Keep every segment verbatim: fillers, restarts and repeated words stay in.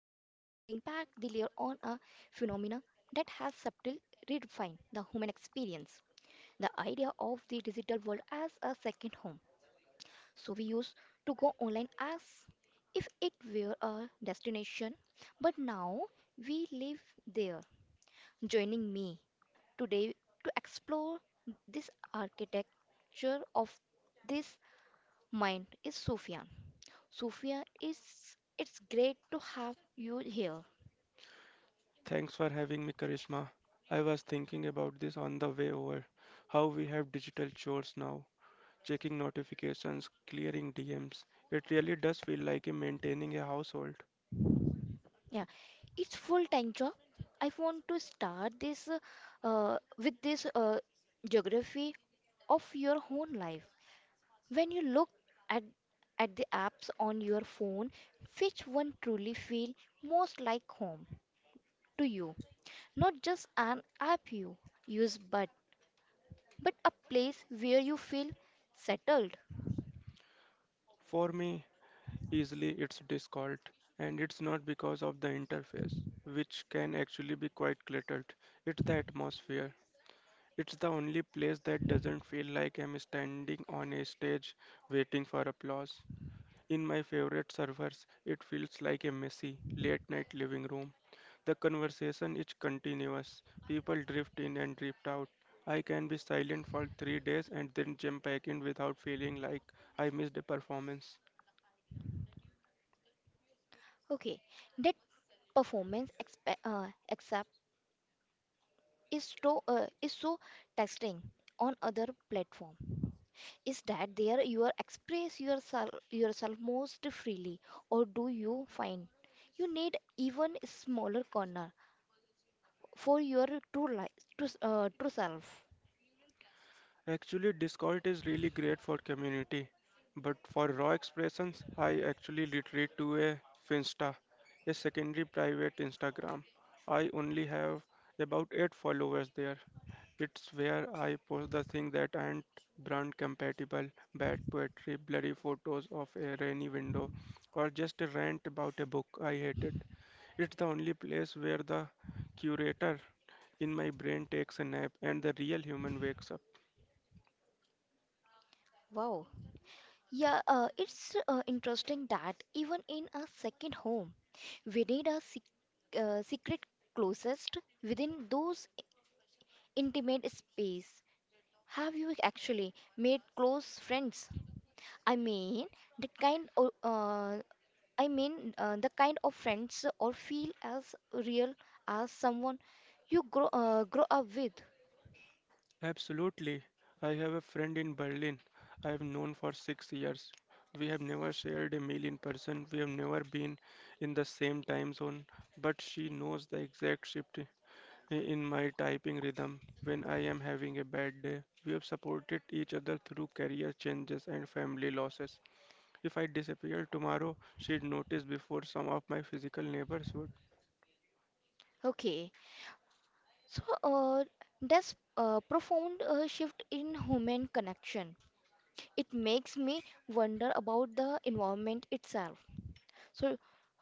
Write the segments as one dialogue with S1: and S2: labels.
S1: phenomena that has subtle redefined the human experience. The idea of the digital world as a second home. So we used to go online as if it were a destination, but now we live there. Joining me today to explore this architecture of this mind is Sufyan. Sophia, it's it's great to have you here.
S2: Thanks for having me, Karishma. I was thinking about this on the way over. How we have digital chores now, checking notifications, clearing D Ms. It really does feel like a maintaining a household.
S1: Yeah, it's full-time job. I want to start this uh, uh, with this uh, geography of your own life. When you look at at the apps on your phone, which one truly feel most like home to you? Not just an app you use, but but a place where you feel settled.
S2: For me, easily it's Discord, and it's not because of the interface, which can actually be quite cluttered. It's the atmosphere. It's the only place that doesn't feel like I'm standing on a stage waiting for applause. In my favorite servers, it feels like a messy, late night living room. The conversation is continuous. People drift in and drift out. I can be silent for three days and then jump back in without feeling like I missed a performance.
S1: Okay, that performance expe- uh, is so uh, is so testing on other platform is that there you are express yourself yourself most freely, or do you find you need even smaller corner for your true life, true, s- uh, true self?
S2: Actually, Discord is really great for community, but for raw expressions, I actually retreat to a Finsta, a secondary private Instagram. I only have about eight followers there. It's where I post the thing that aren't brand compatible, bad poetry, blurry photos of a rainy window, or just a rant about a book I hated. It's the only place where the curator in my brain takes a nap and the real human wakes up.
S1: Wow, yeah, uh, it's uh, interesting that even in a second home we need a sec- uh, secret closest within those intimate space. Have you actually made close friends? I mean the kind of, uh, I mean uh, the kind of friends or feel as real as someone you grow uh, grow up with.
S2: Absolutely. I have a friend in Berlin I have known for six years. We have never shared a meal in person, we have never been in the same time zone, but she knows the exact shift i- in my typing rhythm when I am having a bad day. We have supported each other through career changes and family losses. If I disappear tomorrow, she'd notice before some of my physical neighbors would.
S1: Okay, so uh, that's a profound uh, shift in human connection. It makes me wonder about the environment itself. So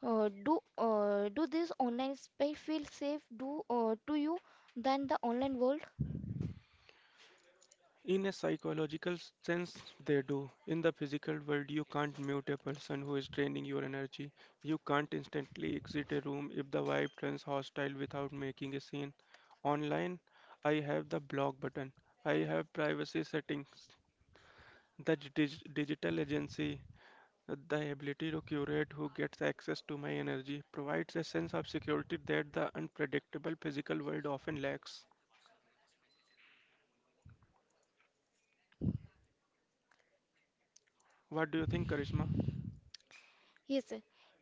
S1: Uh, do uh, do this online space feel safe do uh, to you than the online world?
S2: In a psychological sense, they do. In the physical world, you can't mute a person who is draining your energy. You can't instantly exit a room if the vibe turns hostile without making a scene. Online, I have the block button. I have privacy settings, the dig- digital agency, the ability to curate who gets access to my energy provides a sense of security that the unpredictable physical world often lacks. What do you think, Karishma?
S1: Yes,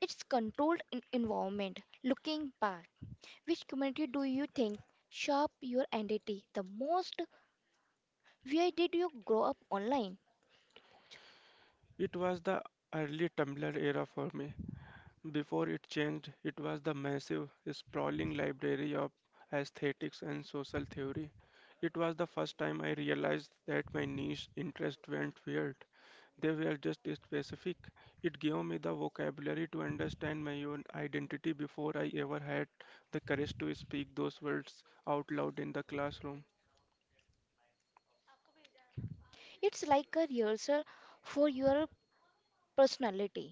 S1: it's controlled in environment. Looking back, which community do you think shaped your identity the most? Where did you grow up online?
S2: It was the early Tumblr era for me. Before it changed, it was the massive, sprawling library of aesthetics and social theory. It was the first time I realized that my niche interests weren't weird. They were just specific. It gave me the vocabulary to understand my own identity before I ever had the courage to speak those words out loud in the classroom.
S1: It's like a rehearsal for your personality.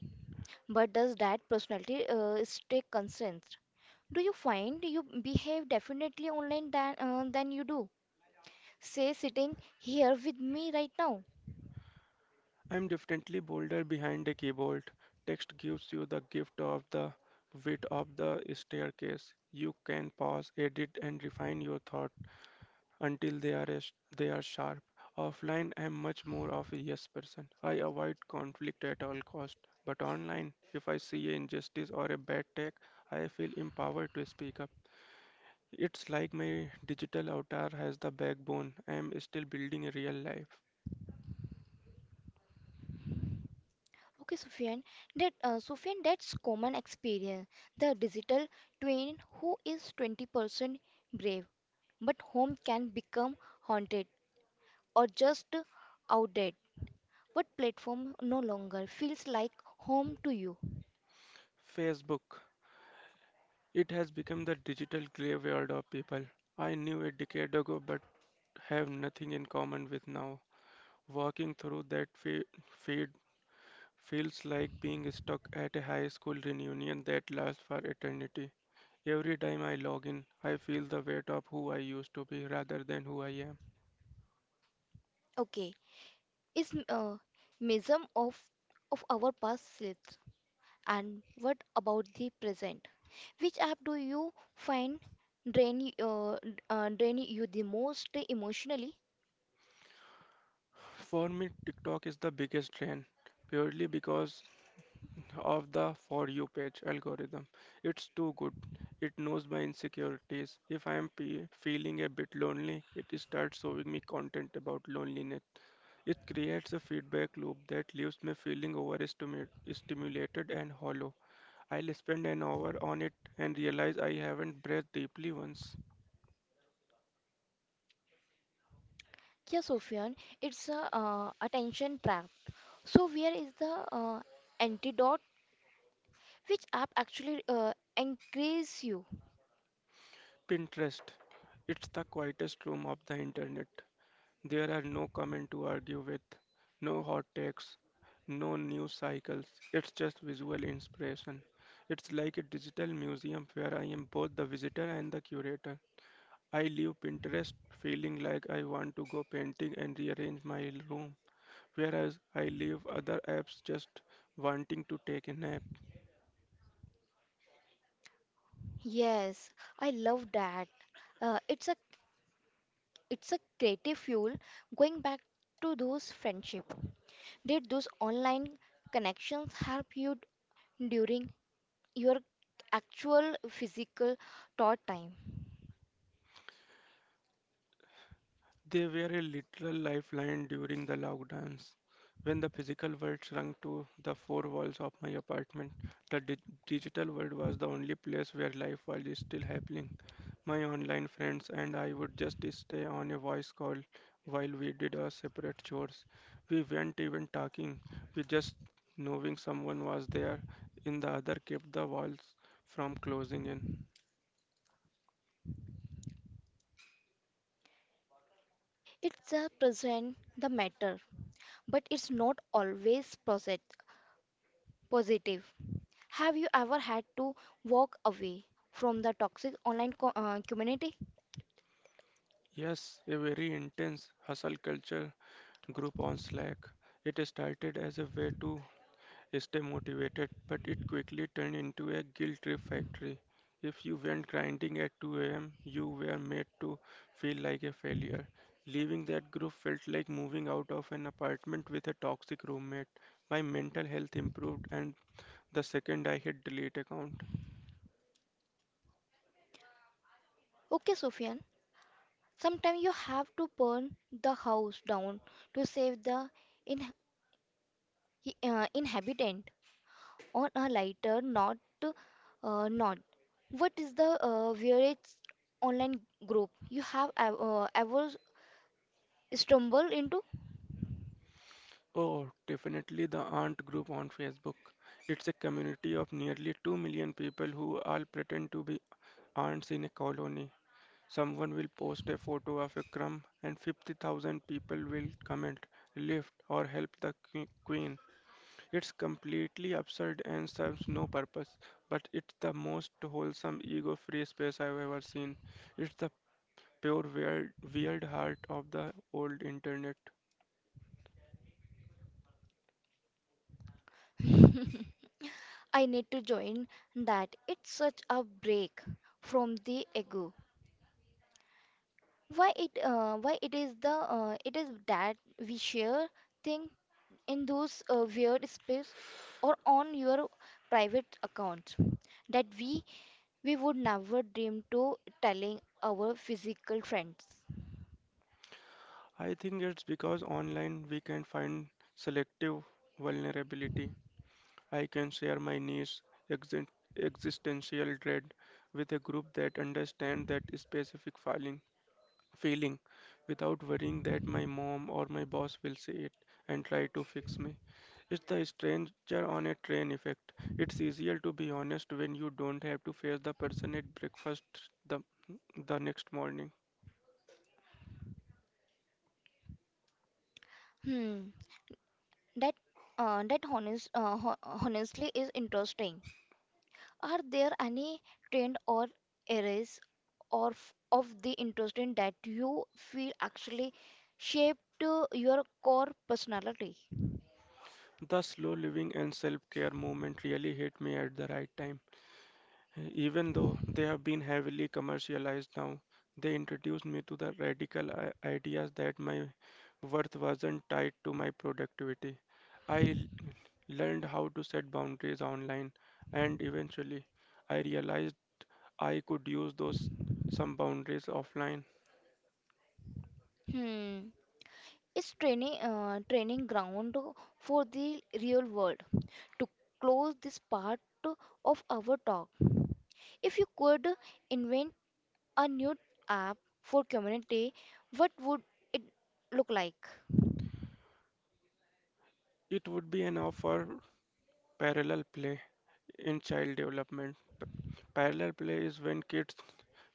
S1: But does that personality uh, stay constant? Do you find you behave definitely online than, uh, than you do? Say sitting here with me right now.
S2: I'm definitely bolder behind a keyboard. Text gives you the gift of the width of the staircase. You can pause, edit, and refine your thought until they are as- they are sharp. Offline, I'm much more of a yes person. I avoid conflict at all cost. But online, if I see an injustice or a bad tech, I feel empowered to speak up. It's like my digital avatar has the backbone. I am still building a real life.
S1: Okay, Sufyan, that uh, Sufyan, that's common experience. The digital twin who is twenty percent brave, but home can become haunted or just outdated? What platform no longer feels like home to you?
S2: Facebook. It has become the digital graveyard of people I knew a decade ago but have nothing in common with now. Walking through that fe- feed feels like being stuck at a high school reunion that lasts for eternity. Every time I log in, I feel the weight of who I used to be rather than who I am.
S1: Okay, is uh, museum of of our past slips, and what about the present? Which app do you find drain uh, uh, drain you the most emotionally?
S2: For me, TikTok is the biggest drain, purely because of the For You page algorithm. It's too good. It knows my insecurities. If I am pe- feeling a bit lonely, it starts showing me content about loneliness. It creates a feedback loop that leaves me feeling overstimulated and hollow. I'll spend an hour on it and realize I haven't breathed deeply once.
S1: Yeah, Sophian, it's a uh, attention trap. So where is the uh, antidote? Which app actually uh, increase you?
S2: Pinterest. It's the quietest room of the internet. There are no comments to argue with, no hot takes, no news cycles. It's just visual inspiration. It's like a digital museum where I am both the visitor and the curator. I leave Pinterest feeling like I want to go painting and rearrange my room, whereas I leave other apps just wanting to take a nap.
S1: Yes, I love that. Uh, it's a It's a creative fuel. Going back to those friendship, did those online connections help you d- during your actual physical thought time?
S2: They were a literal lifeline during the lockdowns. When the physical world shrunk to the four walls of my apartment, the di- digital world was the only place where life was still happening. My online friends and I would just stay on a voice call while we did our separate chores. We weren't even talking, we just knowing someone was there in the other kept the walls from closing in.
S1: It's a present the matter, but it's not always posit- positive. Have you ever had to walk away from the toxic online co- uh, community?
S2: Yes, a very intense hustle culture group on Slack. It started as a way to stay motivated, but it quickly turned into a guilt trip factory. If you went grinding at two a m, you were made to feel like a failure. Leaving that group felt like moving out of an apartment with a toxic roommate. My mental health improved, and the second I hit delete account.
S1: Okay, Sufyan, sometimes you have to burn the house down to save the in- uh, inhabitant. On a lighter note, uh, note what is the uh, weirdest online group you have ev- uh, ever stumbled into?
S2: Oh, definitely the aunt group on Facebook. It's a community of nearly two million people who all pretend to be aunts in a colony. Someone will post a photo of a crumb and fifty thousand people will comment, lift or help the que- queen. It's completely absurd and serves no purpose, but it's the most wholesome ego-free space I've ever seen. It's the pure weird, weird heart of the old internet.
S1: I need to join that. It's such a break from the ego. Why it uh, why it is the uh, it is that we share thing in those uh, weird space or on your private account that we we would never dream to telling our physical friends.
S2: I think it's because online we can find selective vulnerability. I can share my niche exi- existential dread with a group that understands that specific filing, feeling without worrying that my mom or my boss will see it and try to fix me. It's the stranger on a train effect. It's easier to be honest when you don't have to face the person at breakfast the, the next morning.
S1: Hmm. That uh, that honest uh, ho honestly is interesting. Are there any trend or areas or f- of the interesting that you feel actually shaped uh, your core personality?
S2: The slow living and self care movement really hit me at the right time. Even though they have been heavily commercialized now, they introduced me to the radical i- ideas that my worth wasn't tied to my productivity. I l- learned how to set boundaries online, and eventually, I realized I could use those some boundaries offline.
S1: Hmm. Is training uh, training ground for the real world? To close this part of our talk, if you could invent a new app for community, what would it look like?
S2: It would be an offer parallel play in child development. Parallel play is when kids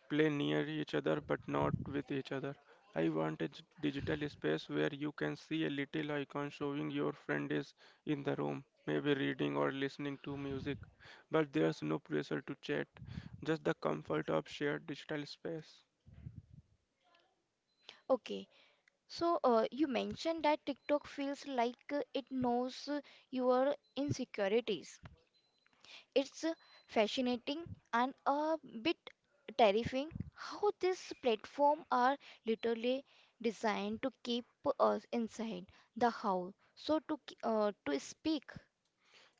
S2: play near each other but not with each other. I want a g- digital space where you can see a little icon showing your friend is in the room, maybe reading or listening to music. But there's no pressure to chat, just the comfort of shared digital space.
S1: Okay, so uh, you mentioned that TikTok feels like uh, it knows uh, your insecurities. It's uh, fascinating and a bit terrifying how this platform are literally designed to keep us inside the house, so to k- uh, to speak.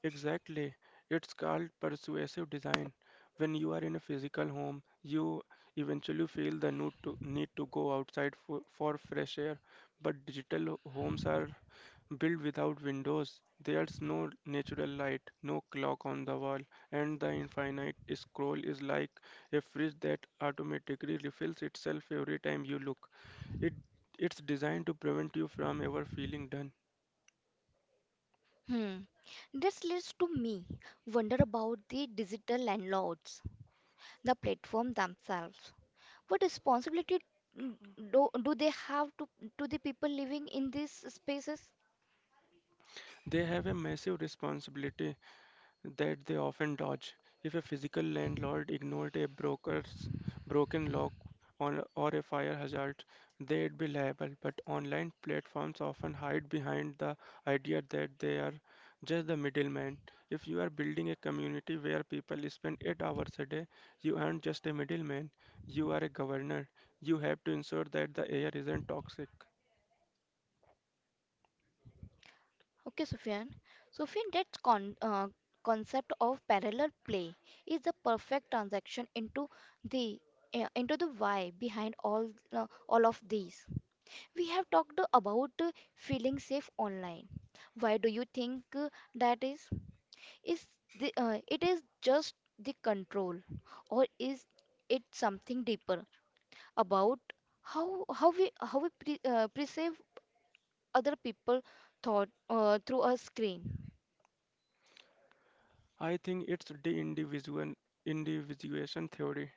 S2: Exactly. It's called persuasive design. When you are in a physical home, you eventually feel the need to, need to go outside for, for fresh air, but digital homes are built without windows. There's no natural light, no clock on the wall, and the infinite scroll is like a fridge that automatically refills itself every time you look. It it's designed to prevent you from ever feeling done.
S1: Hmm. This leads to me wonder about the digital landlords, the platform themselves. What responsibility, mm, do, do they have to, to the people living in these spaces?
S2: They have a massive responsibility that they often dodge. If a physical landlord ignored a broker's broken lock on, or a fire hazard, they'd be liable. But online platforms often hide behind the idea that they are just the middleman. If you are building a community where people spend eight hours a day, you aren't just a middleman, you are a governor. You have to ensure that the air isn't toxic.
S1: Okay, Sufyan. Sufyan, that con, uh, concept of parallel play is the perfect transaction into the uh, into the why behind all uh, all of these. We have talked about uh, feeling safe online. Why do you think uh, that is? Is the, uh, it is just the control, or is it something deeper about how how we how we pre, uh, perceive other people thought uh, through a screen.
S2: I think it's the individual individuation theory.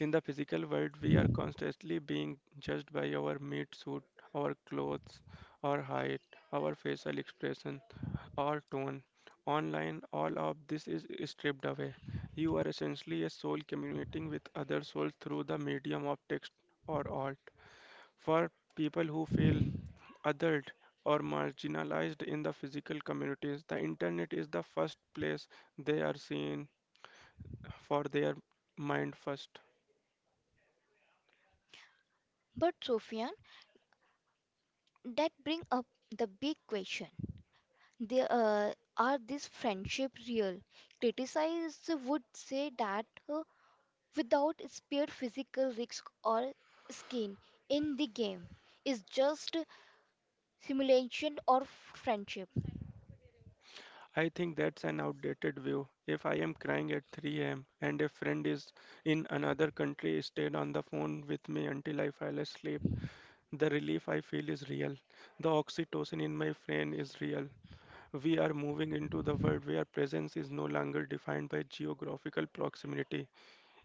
S2: In the physical world, we are constantly being judged by our meat suit, our clothes, our height, our facial expression, our tone. Online, all of this is stripped away. You are essentially a soul communicating with other souls through the medium of text or art. For people who feel othered or marginalized in the physical communities, the internet is the first place they are seen for their mind first.
S1: But Sofian, that bring up the big question. They, uh, are this friendship real? Criticizers would say that uh, without spared physical risk or skin in the game is just simulation or friendship.
S2: I think that's an outdated view. If I am crying at three a m and a friend is in another country stayed on the phone with me until I fell asleep, the relief I feel is real. The oxytocin in my brain is real. We are moving into the world where presence is no longer defined by geographical proximity.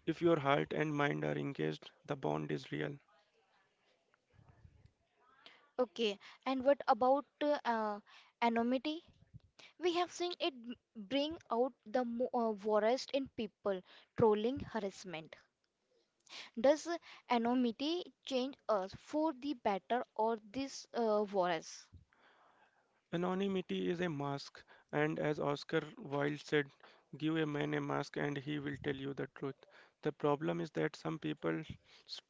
S2: If your heart and mind are engaged, the bond is real.
S1: Okay, and what about uh, uh, anonymity? We have seen it b- bring out the mo- uh, worst in people, trolling, harassment. Does uh, anonymity change us for the better or this uh, worse?
S2: Anonymity is a mask, and as Oscar Wilde said, give a man a mask and he will tell you the truth. The problem is that some people's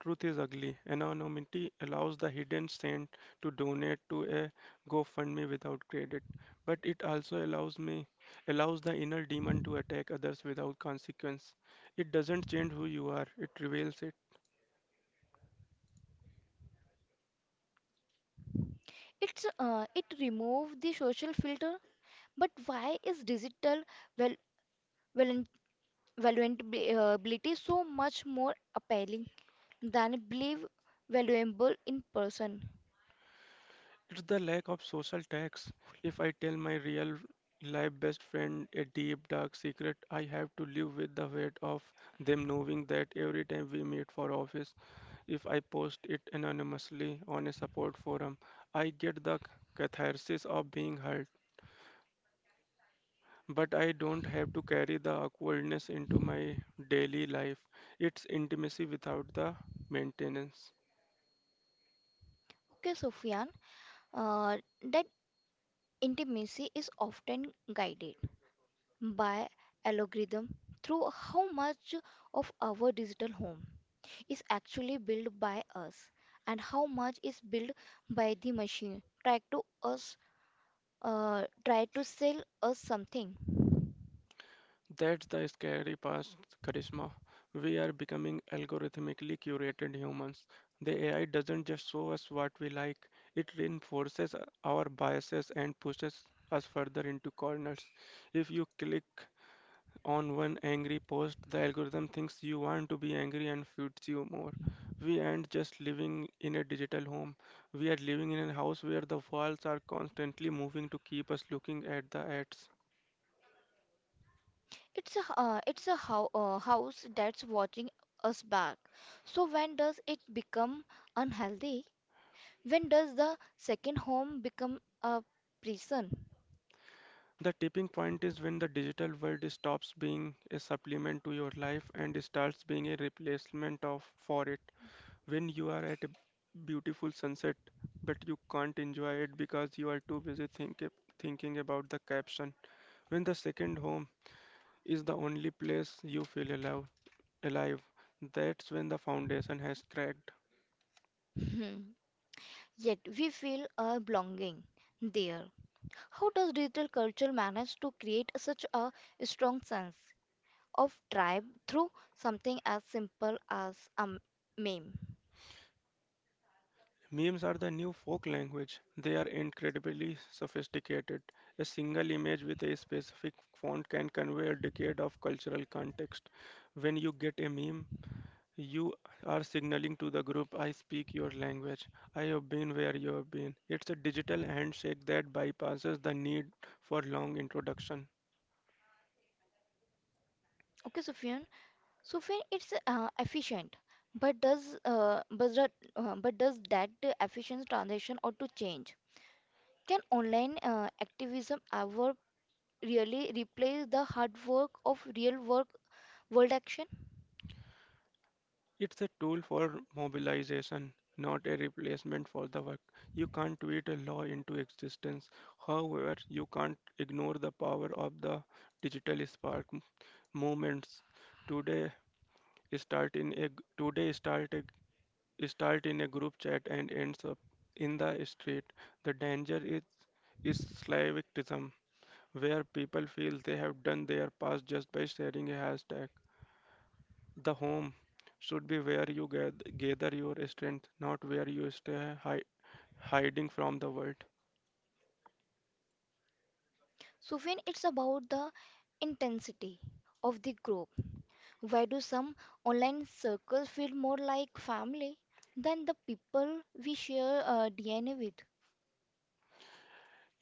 S2: truth is ugly. Anonymity allows the hidden saint to donate to a GoFundMe without credit, but it also allows me allows the inner demon to attack others without consequence. It doesn't change who you are, it reveals it.
S1: It's uh, it remove the social filter, but why is digital val- valen- valuability so much more appealing than believe valuable in person?
S2: It's the lack of social tax. If I tell my real life best friend a deep dark secret, I have to live with the weight of them knowing that every time we meet for office, if I post it anonymously on a support forum, I get the catharsis of being hurt, but I don't have to carry the awkwardness into my daily life. It's intimacy without the maintenance.
S1: Okay, Sufyan, uh, that intimacy is often guided by algorithm through how much of our digital home is actually built by us and how much is built by the machine try to us uh, try to sell us something.
S2: That's the scary past, Charisma. We are becoming algorithmically curated humans. The A I doesn't just show us what we like, it reinforces our biases and pushes us further into corners. If you click on one angry post, the algorithm thinks you want to be angry and feeds you more. We aren't just living in a digital home, we are living in a house where the walls are constantly moving to keep us looking at the ads.
S1: It's a uh, it's a how, uh, house that's watching us back. So when does it become unhealthy? When does the second home become a prison?
S2: The tipping point is when the digital world stops being a supplement to your life and starts being a replacement of for it. When you are at a beautiful sunset but you can't enjoy it because you are too busy think, thinking about the caption. When the second home is the only place you feel alive, alive. That's when the foundation has cracked.
S1: Hmm. Yet we feel a belonging there. How does digital culture manage to create such a strong sense of tribe through something as simple as a m- meme?
S2: Memes are the new folk language. They are incredibly sophisticated. A single image with a specific font can convey a decade of cultural context. When you get a meme, you are signaling to the group, I speak your language. I have been where you have been. It's a digital handshake that bypasses the need for long introduction.
S1: Okay, Sufyan. Sufyan, it's uh, efficient, but does uh, but, that, uh, but does that efficient transition or to change? Can online uh, activism ever really replace the hard work of real work world action?
S2: It's a tool for mobilization, not a replacement for the work. You can't tweet a law into existence. However, you can't ignore the power of the digital spark m- movements. Today start in a g- today start a start in a group chat and ends up in the street. The danger is is Slavicism, where people feel they have done their part just by sharing a hashtag. The home should be where you gath- gather your strength, not where you stay hi- hiding from the world.
S1: Sufyan, it's about the intensity of the group. Why do some online circles feel more like family than the people we share uh, D N A with?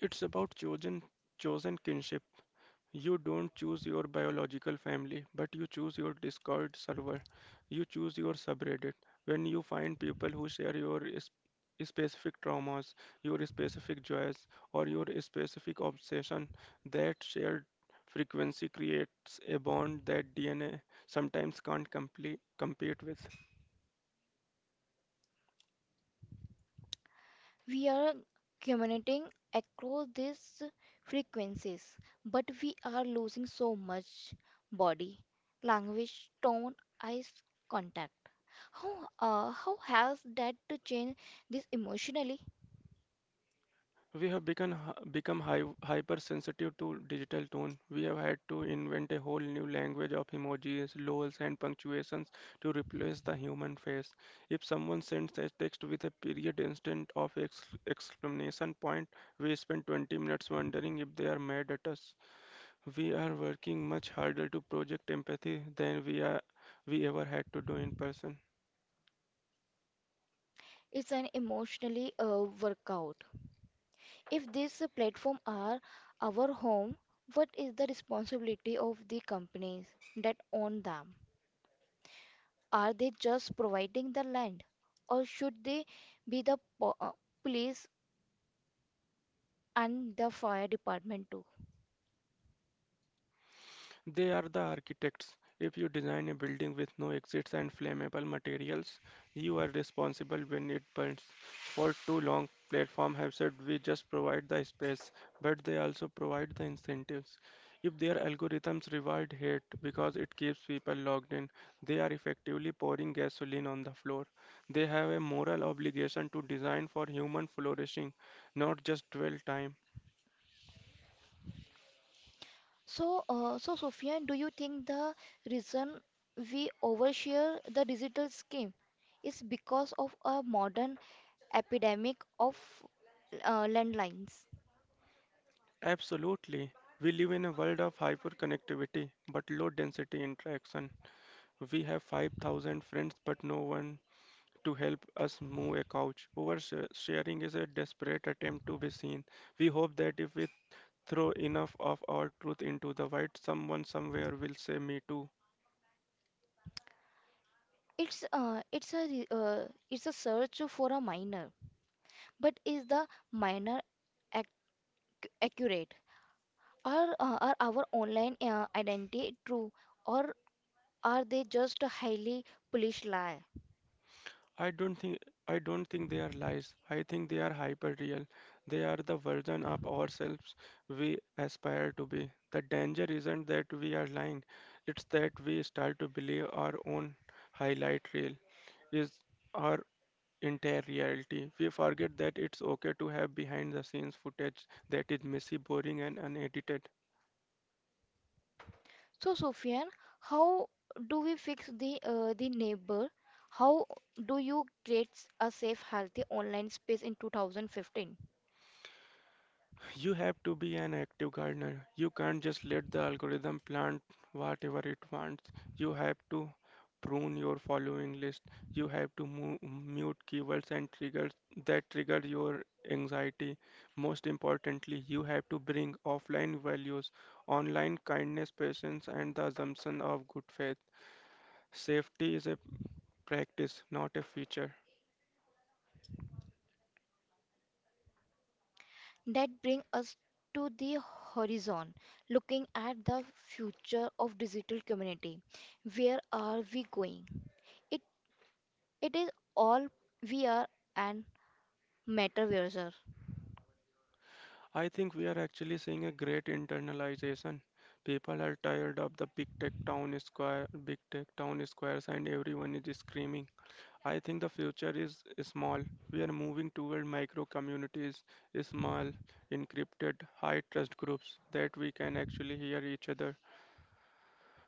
S2: It's about chosen chosen kinship. You don't choose your biological family, but you choose your Discord server. You choose your subreddit. When you find people who share your is- specific traumas, your specific joys, or your specific obsession, that shared frequency creates a bond that D N A sometimes can't complete, compete with.
S1: We are communicating across these frequencies, but we are losing so much body language, tone, eyes contact. How, uh, how has that changed this emotionally?
S2: We have become hy- become hy- hypersensitive to digital tone. We have had to invent a whole new language of emojis, lols, and punctuations to replace the human face. If someone sends a text with a period instead of ex- exclamation point, we spend twenty minutes wondering if they are mad at us. We are working much harder to project empathy than we are we ever had to do in person.
S1: It's an emotionally uh, workout. If this platform are our home, what is the responsibility of the companies that own them? Are they just providing the land, or should they be the po- uh, police and the fire department too?
S2: They are the architects. If you design a building with no exits and flammable materials, you are responsible when it burns. For too long, platforms have said we just provide the space, but they also provide the incentives. If their algorithms reward hate because it keeps people logged in, they are effectively pouring gasoline on the floor. They have a moral obligation to design for human flourishing, not just dwell time.
S1: So, uh, so Sofian, do you think the reason we overshare the digital scheme is because of a modern epidemic of uh, landlines?
S2: Absolutely. We live in a world of hyperconnectivity but low density interaction. We have five thousand friends but no one to help us move a couch. Oversharing is a desperate attempt to be seen. We hope that if we throw enough of our truth into the wild, someone somewhere will say me too.
S1: It's uh, it's a re- uh, it's a search for a minor. But is the minor ac- accurate? Are, uh, are our online uh, identity true or are they just a highly polished lie?
S2: I don't think I don't think they are lies. I think they are hyper real. They are the version of ourselves we aspire to be. The danger isn't that we are lying. It's that we start to believe our own highlight reel is our entire reality. We forget that it's okay to have behind the scenes footage that is messy, boring and unedited.
S1: So, Sofian, how do we fix the uh, the neighbor? How do you create s- a safe, healthy online space in twenty fifteen?
S2: You have to be an active gardener. You can't just let the algorithm plant whatever it wants. You have to prune your following list. You have to mu- mute keywords and triggers that trigger your anxiety. Most importantly, you have to bring offline values, online kindness, patience, and the assumption of good faith. Safety is a practice, not a feature.
S1: That bring us to the horizon, looking at the future of digital community. Where are we going? It is all we are and matter we are,
S2: I think we are actually seeing a great internalization. People are tired of the big tech town square, big tech town squares, and everyone is screaming. I think the future is small. We are moving toward micro communities, small, encrypted, high trust groups that we can actually hear each other.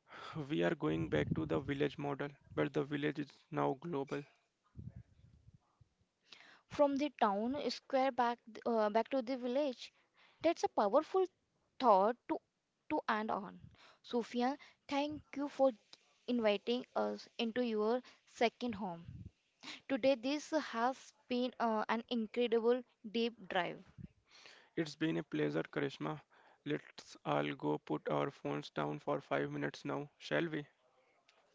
S2: We are going back to the village model, but the village is now global.
S1: from the town square back uh, back to the village. That's a powerful thought to to end on. Sufyan, thank you for inviting us into your second home. Today this has been uh, an incredible deep dive.
S2: It's been a pleasure, Karishma. Let's all go put our phones down for five minutes now, shall we?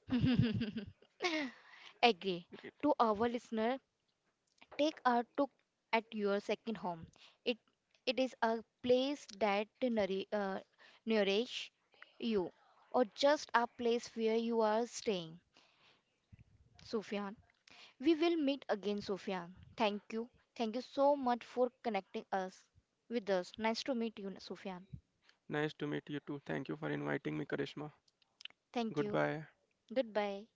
S1: Agree.
S2: Great.
S1: To our listener, take a took at your second home. It it is a place that nouri- uh, nourish you, or just a place where you are staying. Sufyan, we will meet again. Sufyan, thank you, thank you so much for connecting us with us. Nice to meet you, Sufyan.
S2: Nice to meet you too. Thank you for inviting me, Karishma.
S1: Thank you.
S2: Goodbye.
S1: Goodbye.